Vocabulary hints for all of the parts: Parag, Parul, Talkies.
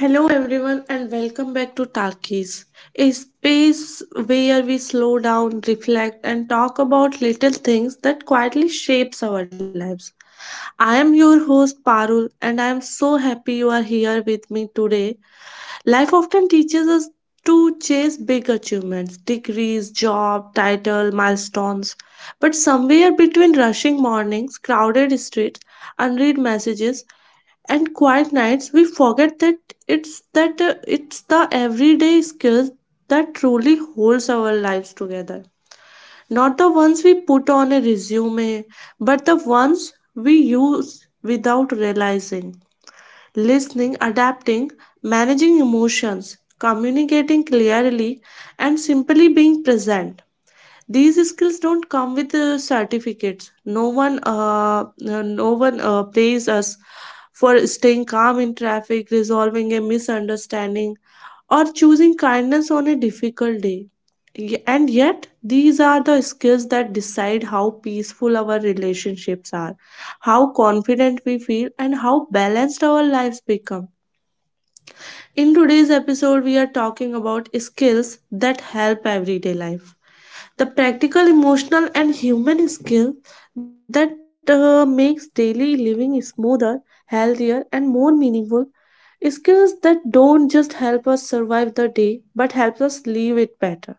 Hello, everyone, and welcome back to Talkies, a space where we slow down, reflect, and talk about little things that quietly shapes our lives. I am your host Parul, and I am so happy you are here with me today. Life often teaches us to chase big achievements, degrees, job, title, milestones. But somewhere between rushing mornings, crowded streets, unread messages, and quiet nights we forget that it's the everyday skills that truly holds our lives together, not the ones we put on a resume but the ones we use without realizing. Listening, adapting, managing emotions, communicating clearly, and simply being present. These skills don't come with certificates. No one pays us for staying calm in traffic, resolving a misunderstanding, or choosing kindness on a difficult day. And yet these are the skills that decide how peaceful our relationships are, how confident we feel, and how balanced our lives become. In today's episode we are talking about skills that help everyday life, the practical, emotional, and human skill that makes daily living smoother, healthier, and more meaningful. Skills that don't just help us survive the day, but help live it better.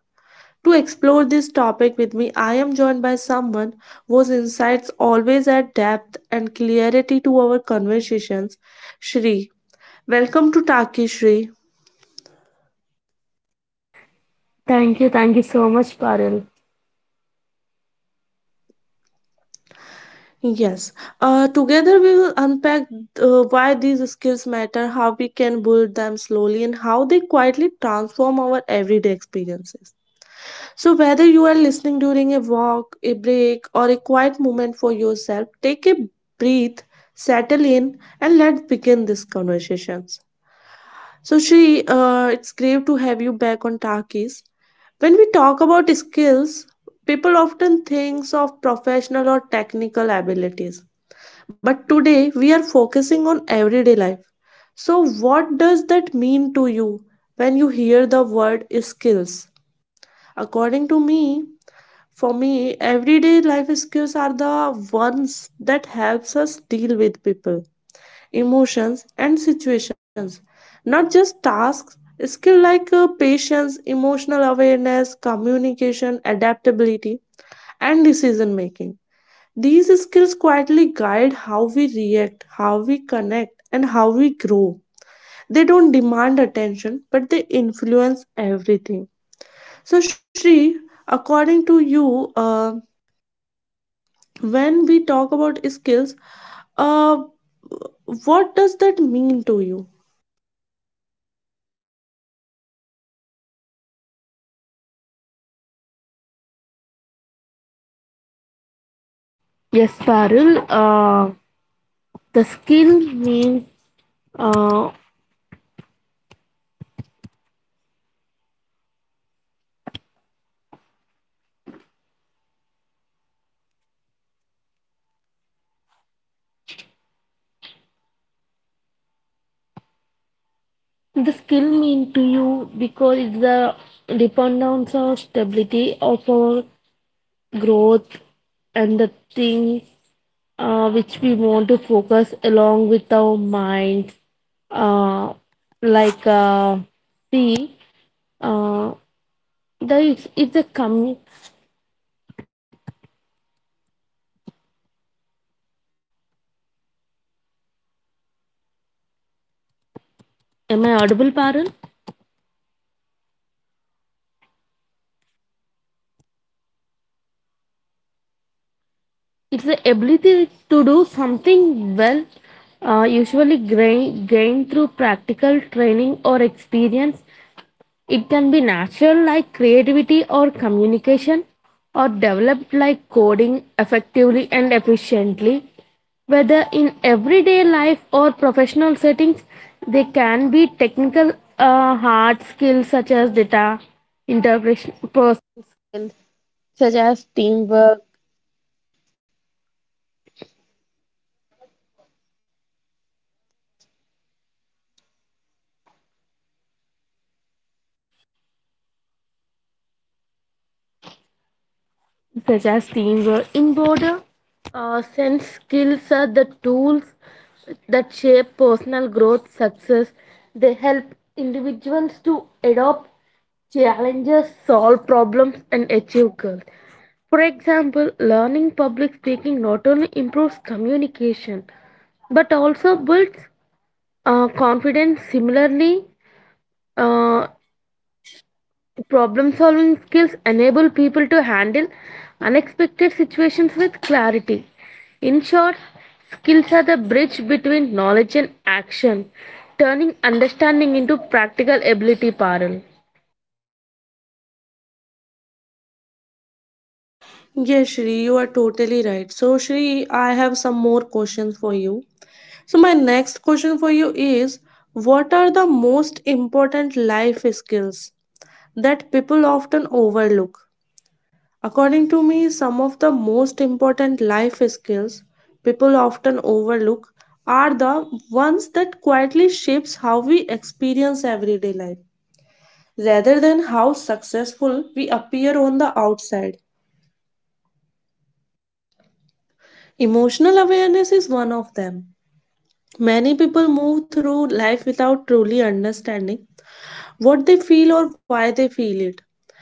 To explore this topic with me, I am joined by someone whose insights always add depth and clarity to our conversations. Shri, welcome to Taki, Shri. Thank you so much, Paril. Yes, together we will unpack why these skills matter, how we can build them slowly, and how they quietly transform our everyday experiences. So, whether you are listening during a walk, a break, or a quiet moment for yourself, take a breath, settle in, and let's begin these conversations. So, Shri, it's great to have you back on talkies. When we talk about skills, people often think of professional or technical abilities, but today we are focusing on everyday life. So, what does that mean to you when you hear the word skills? According to me, for me, everyday life skills are the ones that helps us deal with people, emotions and situations. Not just tasks, skill like patience, emotional awareness, communication, adaptability, and decision making. These skills quietly guide how we react, how we connect, and how we grow. They don't demand attention, but they influence everything. So, Shri, according to you, when we talk about skills, uh, what does that mean to you? Yes, Paril. The skill means uh, the skill mean to you because it's the dependence of stability of our growth and the things which we want to focus along with our minds. Uh, like uh, See, uh, the it's a com. Am I audible, Paril? It's the ability to do something well, usually gain, gained gain through practical training or experience. It can be natural, like creativity or communication, or developed, like coding effectively and efficiently, whether in everyday life or professional settings. They can be technical, hard skills such as data interpretation, such as teamwork. In broader sense, skills are the tools that shape personal growth, success. They help individuals to adopt challenges, solve problems, and achieve goals. For example, learning public speaking not only improves communication but also builds confidence. Similarly, uh, problem-solving skills enable people to handle unexpected situations with clarity. In short, skills are the bridge between knowledge and action, turning understanding into practical ability, Parul. Yes, Shri, you are totally right. So, Shri, I have some more questions for you. So, my next question for you is, what are the most important life skills that people often overlook? According to me, some of the most important life skills people often overlook are the ones that quietly shapes how we experience everyday life rather than how successful we appear on the outside. Emotional awareness is one of them. Many people move through life without truly understanding what they feel or why they feel it.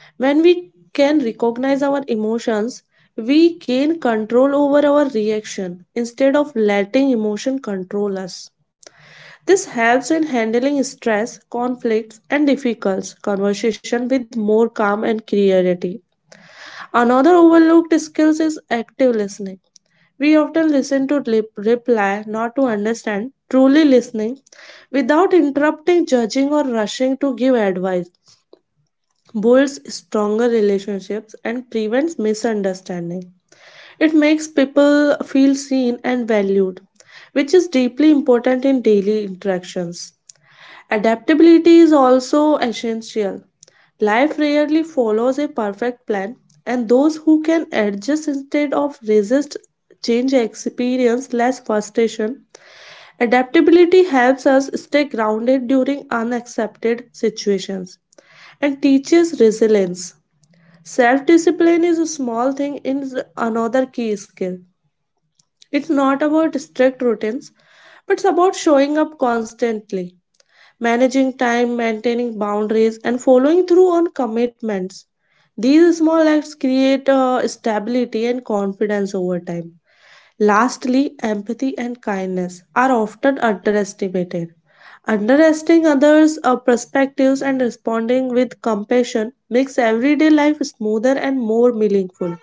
When we can recognize our emotions, we gain control over our reaction instead of letting emotion control us. This helps in handling stress, conflicts, and difficult conversation with more calm and clarity. Another overlooked skill is active listening. We often listen to lip reply, not to understand. Truly listening, without interrupting, judging, or rushing to give advice, builds stronger relationships and prevents misunderstanding. It makes people feel seen and valued, which is deeply important in daily interactions. Adaptability is also essential. Life rarely follows a perfect plan, and those who can adjust instead of resist change experience less frustration. Adaptability helps us stay grounded during unaccepted situations and teaches resilience. Self discipline is a small thing in s- Another key skill. It's not about strict routines, but it's about showing up constantly, managing time, maintaining boundaries, and following through on commitments. These small acts create stability and confidence over time. Lastly, empathy and kindness are often underestimated. Underestimating others' perspectives and responding with compassion makes everyday life smoother and more meaningful.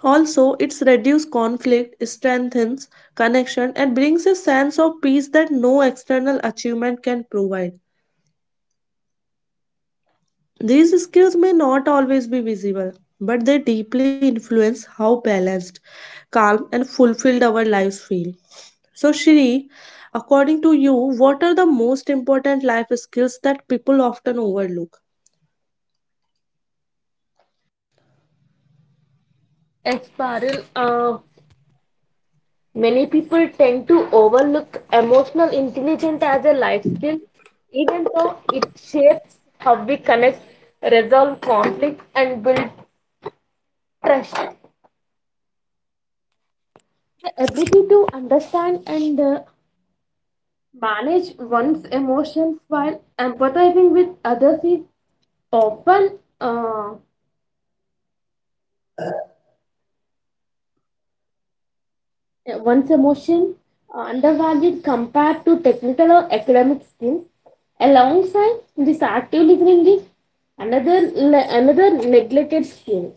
Also, it's reduced conflict, strengthens connection, and brings a sense of peace that no external achievement can provide. These skills may not always be visible, but they deeply influence how balanced, calm, and fulfilled our lives feel. So, Shri, according to you, what are the most important life skills that people often overlook? Yes, Parul, many people tend to overlook emotional intelligence as a life skill, even though it shapes how we connect, resolve conflicts, and build trust. The ability to understand and manage one's emotions while empathizing with others is often, one's emotion undervalued compared to technical or academic skills. Alongside this, active listening is another neglected skill.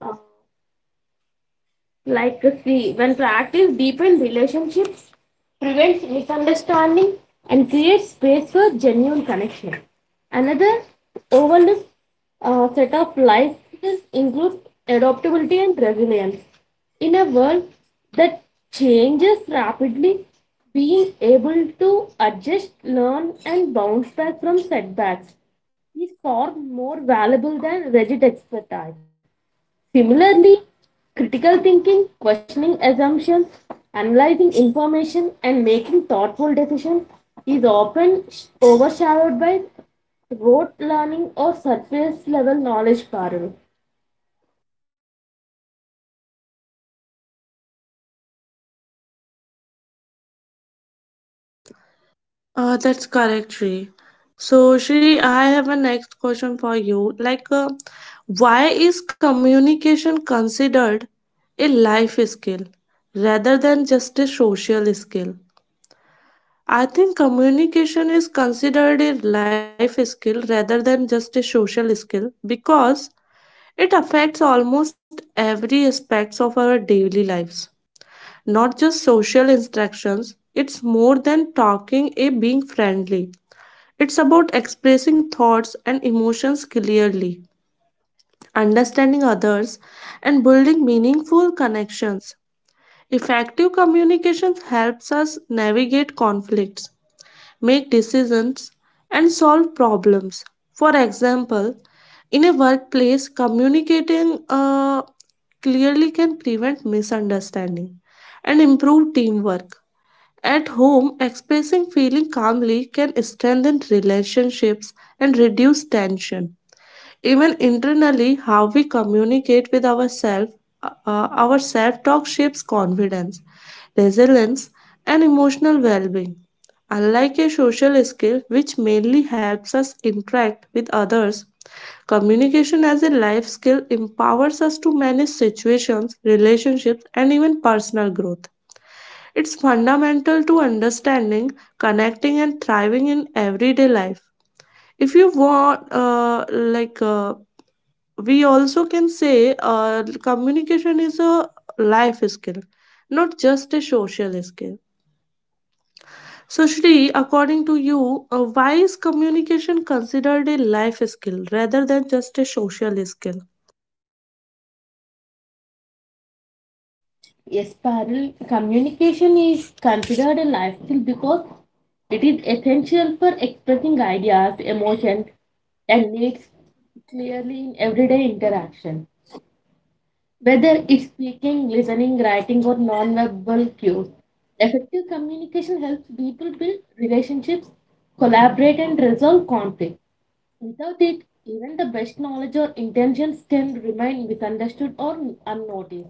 Uh, See, when practice deepens relationships, prevents misunderstanding, and creates space for genuine connection. Another overlooked set of life skills includes adaptability and resilience. In a world that changes rapidly, being able to adjust, learn, and bounce back from setbacks is far more valuable than rigid expertise. Similarly, critical thinking, questioning assumptions, analyzing information, and making thoughtful decisions is often overshadowed by rote learning or surface level knowledge, parallel. That's correct, Shri. So, Shri, I have a next question for you. Like, why is communication considered a life skill rather than just a social skill? I think communication is considered a life skill rather than just a social skill because it affects almost every aspects of our daily lives. Not just social instructions, it's more than talking a being friendly. It's about expressing thoughts and emotions clearly, understanding others, and building meaningful connections. Effective communication helps us navigate conflicts, make decisions, and solve problems. For example, in a workplace, communicating clearly can prevent misunderstanding and improve teamwork. At home, expressing feeling calmly can strengthen relationships and reduce tension. Even internally, how we communicate with ourselves, our self talk shapes confidence, resilience, and emotional well being. Unlike a social skill, which mainly helps us interact with others, communication as a life skill empowers us to manage situations, relationships, and even personal growth. It's fundamental to understanding, connecting, and thriving in everyday life. If you want, we also can say communication is a life skill, not just a social skill. So, Shri, according to you, why is communication considered a life skill rather than just a social skill? Yes, parallel, communication is considered a life skill because it is essential for expressing ideas, emotions, and needs clearly in everyday interaction, whether it's speaking, listening, writing, or non-verbal cues. Effective communication helps people build relationships, collaborate, and resolve conflict. Without it, even the best knowledge or intentions can remain misunderstood or unnoticed.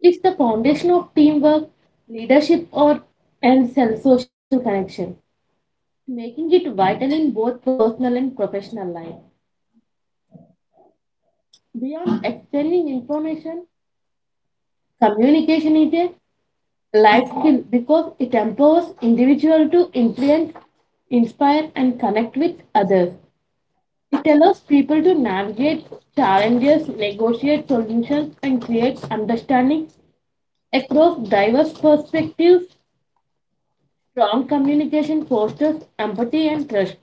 It's the foundation of teamwork, leadership, or and social connection, making it vital in both personal and professional life. Beyond exchanging information, communication is a life skill because it empowers individual to influence, inspire, and connect with others. It allows people to navigate challenges, negotiate solutions, and create understanding across diverse perspectives. Strong communication fosters empathy and trust,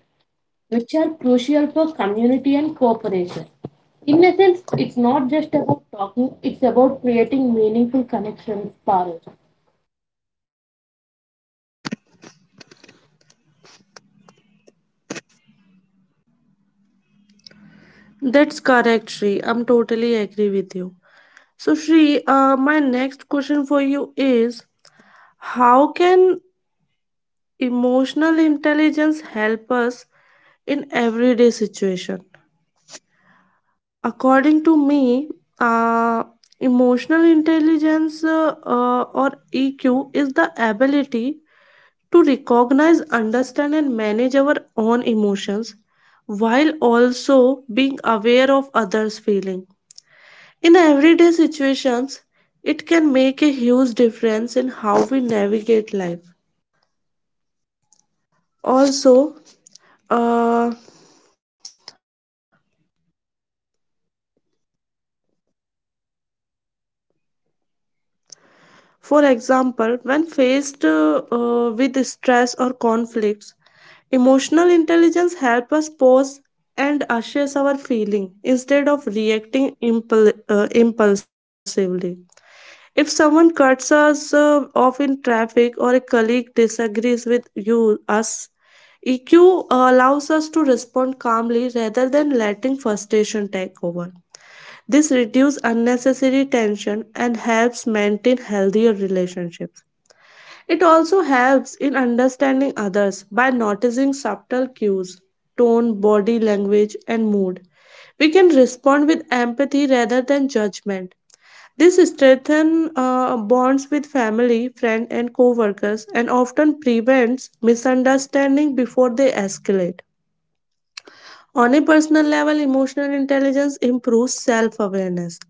which are crucial for community and cooperation. In essence, it's not just about talking, it's about creating meaningful connections, Parul. That's correct, Shri. I'm totally agree with you. So, Shri, my next question for you is, how can emotional intelligence help us in everyday situation? According to me, uh, emotional intelligence or EQ is the ability to recognize, understand, and manage our own emotions while also being aware of others' feelings. In everyday situations, it can make a huge difference in how we navigate life. Also, uh, for example, when faced with stress or conflicts, emotional intelligence helps us and assess our feeling instead of reacting impulsively. If someone cuts us off in traffic or a colleague disagrees with you us, EQ allows us to respond calmly rather than letting frustration take over. This reduces unnecessary tension and helps maintain healthier relationships. It also helps in understanding others by noticing subtle cues, tone, body language, and mood. We can respond with empathy rather than judgment. This strengthens bonds with family, friends, and co-workers, and often prevents misunderstanding before they escalate. On a personal level, emotional intelligence improves self awareness.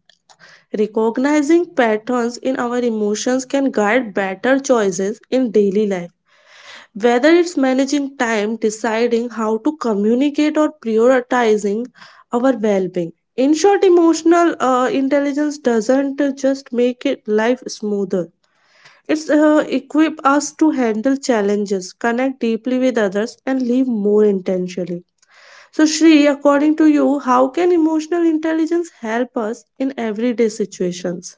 Recognizing patterns in our emotions can guide better choices in daily life. Whether it's managing time, deciding how to communicate, or prioritizing our well being. In short, emotional intelligence doesn't just make it life smoother. It's equip us to handle challenges, connect deeply with others, and live more intentionally. So, Shri, according to you, how can emotional intelligence help us in everyday situations?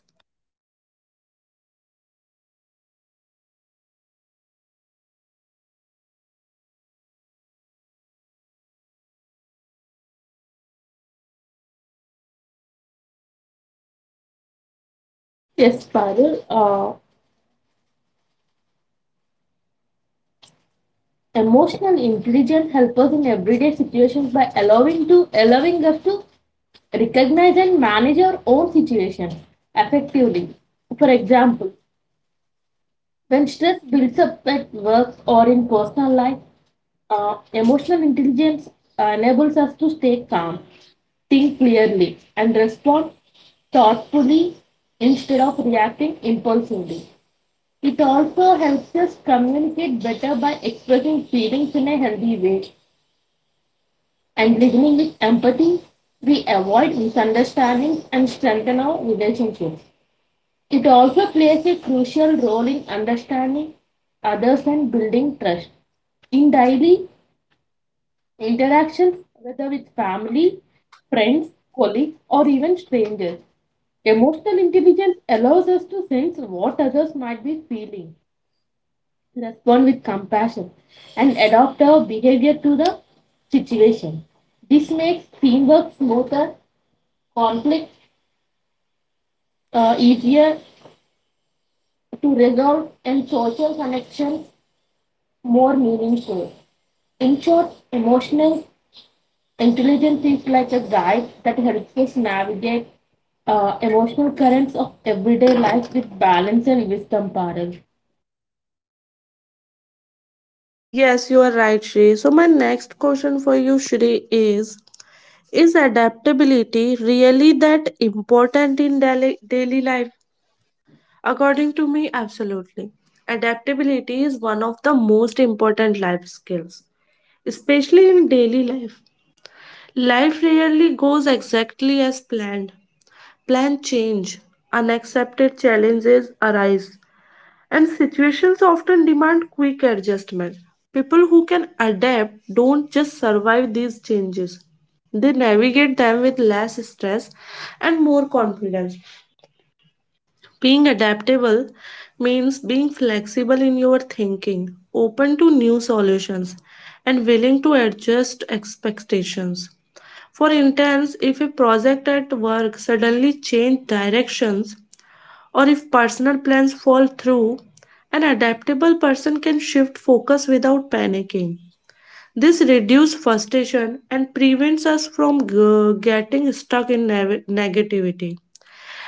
Yes, Parul. Emotional intelligence helps us in everyday situations by allowing us to recognize and manage our own situation effectively. For example, when stress builds up at work or in personal life, emotional intelligence enables us to stay calm, think clearly, and respond thoughtfully instead of reacting impulsively. It also helps us communicate better by expressing feelings in a healthy way, and beginning with empathy, we avoid misunderstandings and strengthen our relationships. It also plays a crucial role in understanding others and building trust. In daily interactions, whether with family, friends, colleagues, or even strangers, emotional intelligence allows us to sense what others might be feeling, respond with compassion, and adapt our behavior to the situation. This makes teamwork smoother, conflict easier to resolve, and social connections more meaningful. In short, emotional intelligence is like a guide that helps us navigate emotional currents of everyday life with balance and wisdom, Parag. Yes, you are right, Shri. So my next question for you, Shri, is adaptability really that important in daily life? According to me, absolutely. Adaptability is one of the most important life skills, especially in daily life. Life rarely goes exactly as planned. Plan change, unaccepted challenges arise, and situations often demand quick adjustment. People who can adapt don't just survive these changes, they navigate them with less stress and more confidence. Being adaptable means being flexible in your thinking, open to new solutions, and willing to adjust expectations. For instance, if a project at work suddenly changed directions, or if personal plans fall through, an adaptable person can shift focus without panicking. This reduces frustration and prevents us from getting stuck in negativity.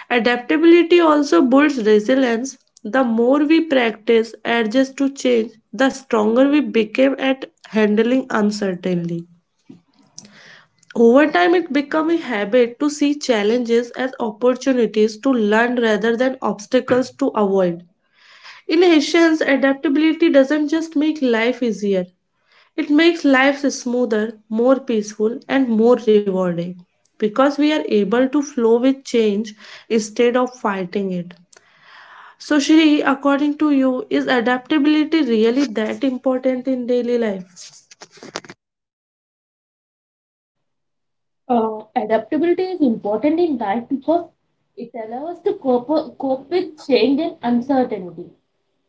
Adaptability also builds resilience. The more we practice adjust to change, the stronger we become at handling uncertainty. Over time, it becomes a habit to see challenges as opportunities to learn rather than obstacles to avoid. In Haitians, adaptability doesn't just make life easier, it makes life smoother, more peaceful, and more rewarding because we are able to flow with change instead of fighting it. So, Shri, according to you, is adaptability really that important in daily life? Adaptability is important in life because it allows us to cope with change and uncertainty.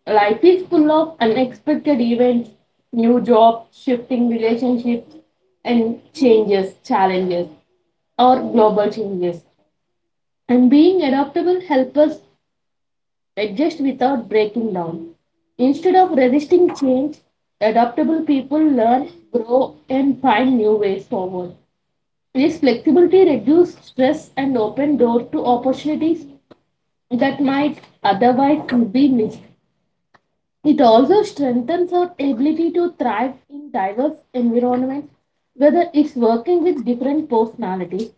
Life is full of unexpected events, new jobs, shifting relationships, and changes, challenges, or global changes. And being adaptable helps us adjust without breaking down. Instead of resisting change, adaptable people learn, grow, and find new ways forward. This flexibility reduces stress and opens doors to opportunities that might otherwise be missed. It also strengthens our ability to thrive in diverse environments, whether it's working with different personalities,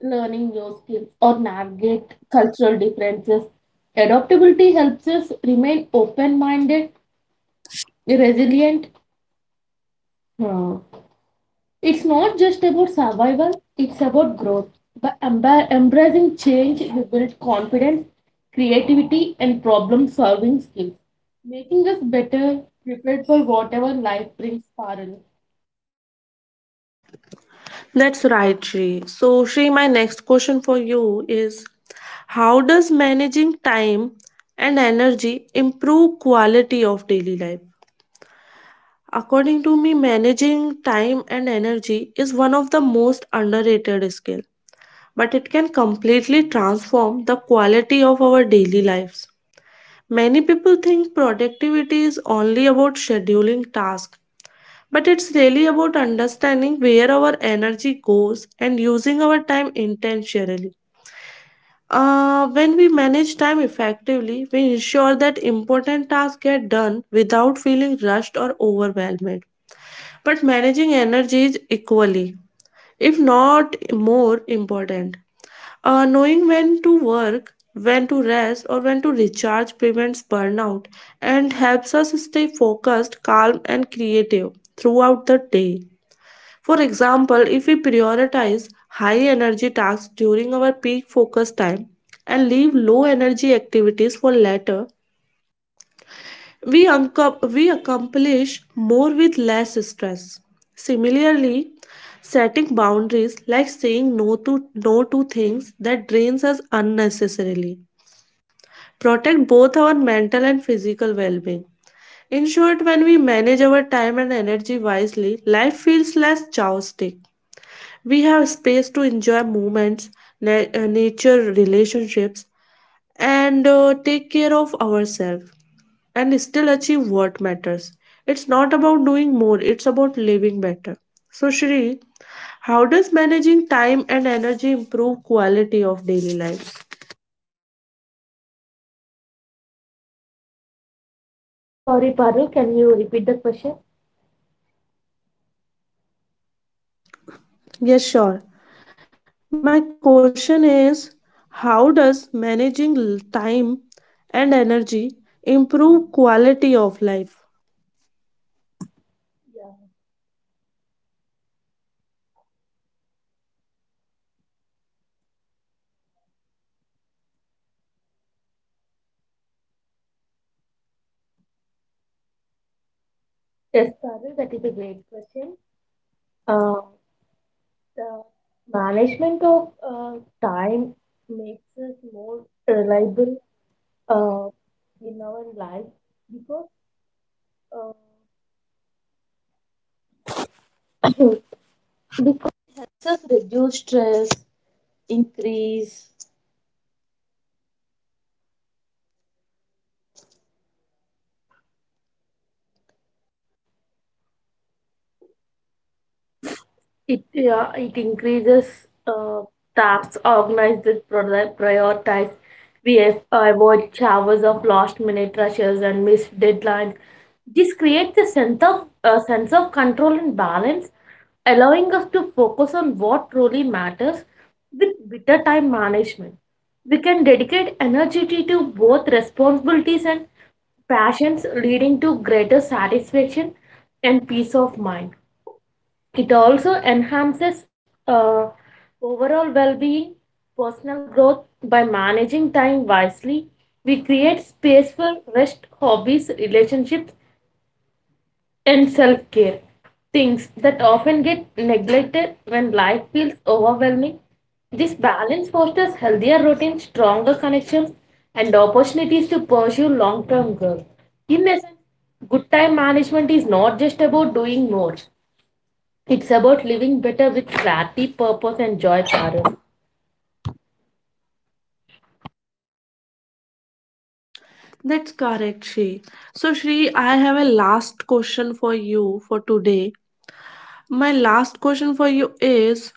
learning new skills, or navigate cultural differences. Adaptability helps us remain open minded, resilient. uh, It's not just about survival, it's about growth. By embracing change, we build confidence, creativity, and problem solving skills, making us better prepared for whatever life brings, Parul. That's right, Shri. So, Shri, my next question for you is, how does managing time and energy improve quality of daily life? According to me, managing time and energy is one of the most underrated skills, but it can completely transform the quality of our daily lives. Many people think productivity is only about scheduling tasks, but it's really about understanding where our energy goes and using our time intentionally. When we manage time effectively, we ensure that important tasks get done without feeling rushed or overwhelmed. But managing energy is equally, if not more important. Knowing when to work, when to rest, or when to recharge prevents burnout and helps us stay focused, calm, and creative throughout the day. For example, if we prioritize high energy tasks during our peak focus time and leave low energy activities for later, we accomplish more with less stress. Similarly, setting boundaries like saying no to things that drains us unnecessarily protect both our mental and physical well-being. In short, when we manage our time and energy wisely, life feels less chaotic. We have space to enjoy moments, nature, relationships, and take care of ourselves and still achieve what matters. It's not about doing more, it's about living better. So, Shri, how does managing time and energy improve quality of daily life? Sorry, Parul, can you repeat the question? Yes, sure. My question is, how does managing time and energy improve quality of life? Yes. Parul, that is a great question. Uh, the management of time makes us more reliable uh, in our life because uh, it, yeah, it increases uh, tasks, organized and prioritize. We have- avoid showers of last minute rushes and missed deadlines. This creates a sense of control and balance, allowing us to focus on what truly matters. With better time management, we can dedicate energy to both responsibilities and passions, leading to greater satisfaction and peace of mind. It also enhances overall well being, personal growth by managing time wisely. We create space for rest, hobbies, relationships, and self care. Things that often get neglected when life feels overwhelming. This balance fosters healthier routines, stronger connections, and opportunities to pursue long term goals. In essence, good time management is not just about doing more, it's about living better with clarity, purpose, and joy, Parul. That's correct, Shri. So, Shri, I have a last question for you for today. My last question for you is,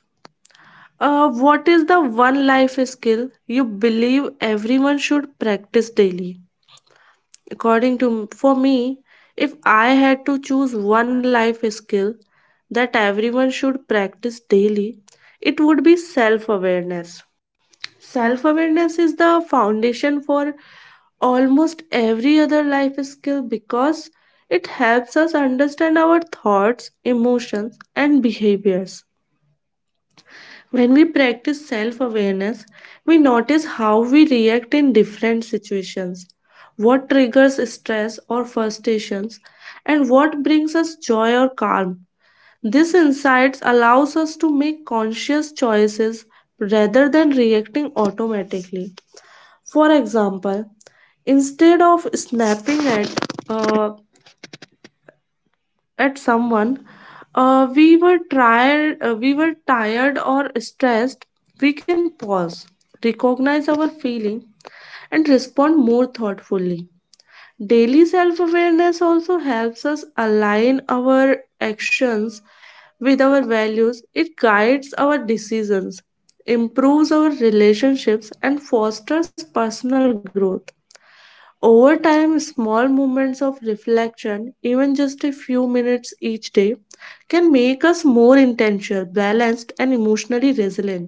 What is the one life skill you believe everyone should practice daily? According to for me, if I had to choose one life skill that everyone should practice daily, it would be self-awareness. Self-awareness is the foundation for almost every other life skill because it helps us understand our thoughts, emotions, and behaviors. When we practice self awareness, we notice how we react in different situations, what triggers stress or frustrations, and what brings us joy or calm. This insights allows us to make conscious choices rather than reacting automatically. For example, instead of snapping uh, at someone, we were tired or stressed, we can pause, recognize our feeling, and respond more thoughtfully. Daily self awareness also helps us align our actions with our values. It guides our decisions, improves our relationships, and fosters personal growth. Over time, small moments of reflection, even just a few minutes each day, can make us more intentional, balanced, and emotionally resilient.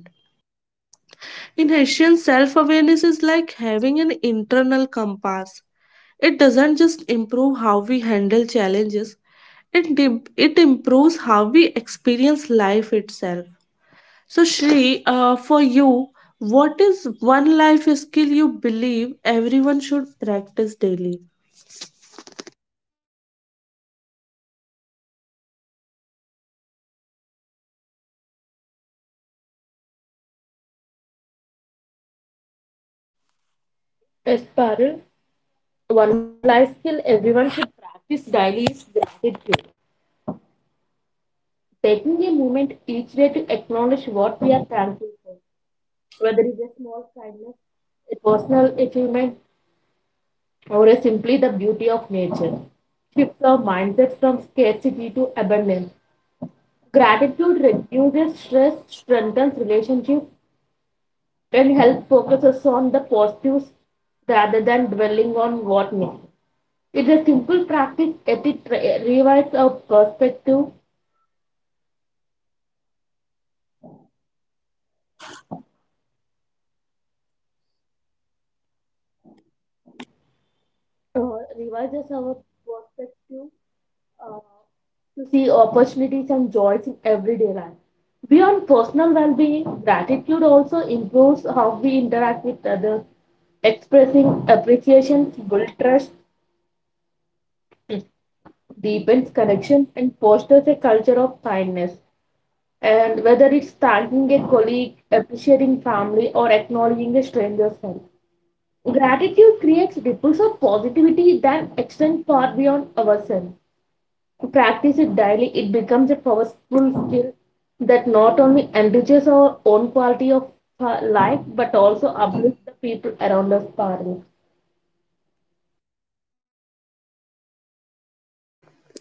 In Haitian, self awareness is like having an internal compass. It doesn't just improve how we handle challenges, it improves how we experience life itself. So, Shri, for you, what is one life skill you believe everyone should practice daily? Yes, Parul. One life skill everyone should practice daily is gratitude. Taking a moment each day to acknowledge what we are thankful for, whether it's a small kindness, a personal achievement, or a simply the beauty of nature. Shifts our mindset from scarcity to abundance. Gratitude reduces stress, strengthens relationships, and help focuses on the positives rather than dwelling on what not. It's a simple practice, yet it uh, revises our perspective, uh, to see opportunities and joys in everyday life. Beyond personal well-being, gratitude also improves how we interact with others. Expressing appreciation builds trust, deepens connections, and fosters a culture of kindness. And whether it's thanking a colleague, appreciating family, or acknowledging a stranger's help. Gratitude creates ripples of positivity that extend far beyond ourselves. To practice it daily, it becomes a powerful skill that not only enriches our own quality of life but also uplifts the people around us.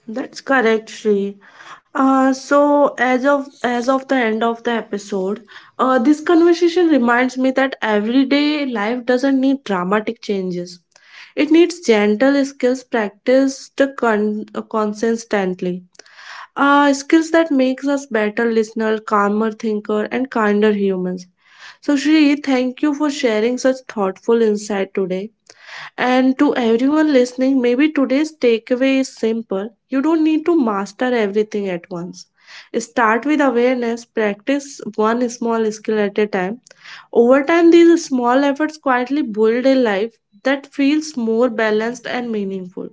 That's correct, Shri. So as of the end of the episode, this conversation reminds me that everyday life doesn't need dramatic changes. It needs gentle skills practiced consistently. Skills that makes us better listener, calmer thinker, and kinder humans. So Shri, thank you for sharing such thoughtful insight today. And to everyone listening, maybe today's takeaway is simple. You don't need to master everything at once. Start with awareness, practice one small skill at a time. Over time, these small efforts quietly build a life that feels more balanced and meaningful.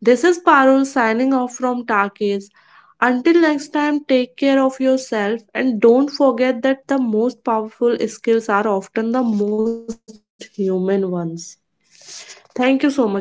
This is Parul signing off from Takis. Until next time, take care of yourself and don't forget that the most powerful skills are often the most human ones. Thank you so much for today.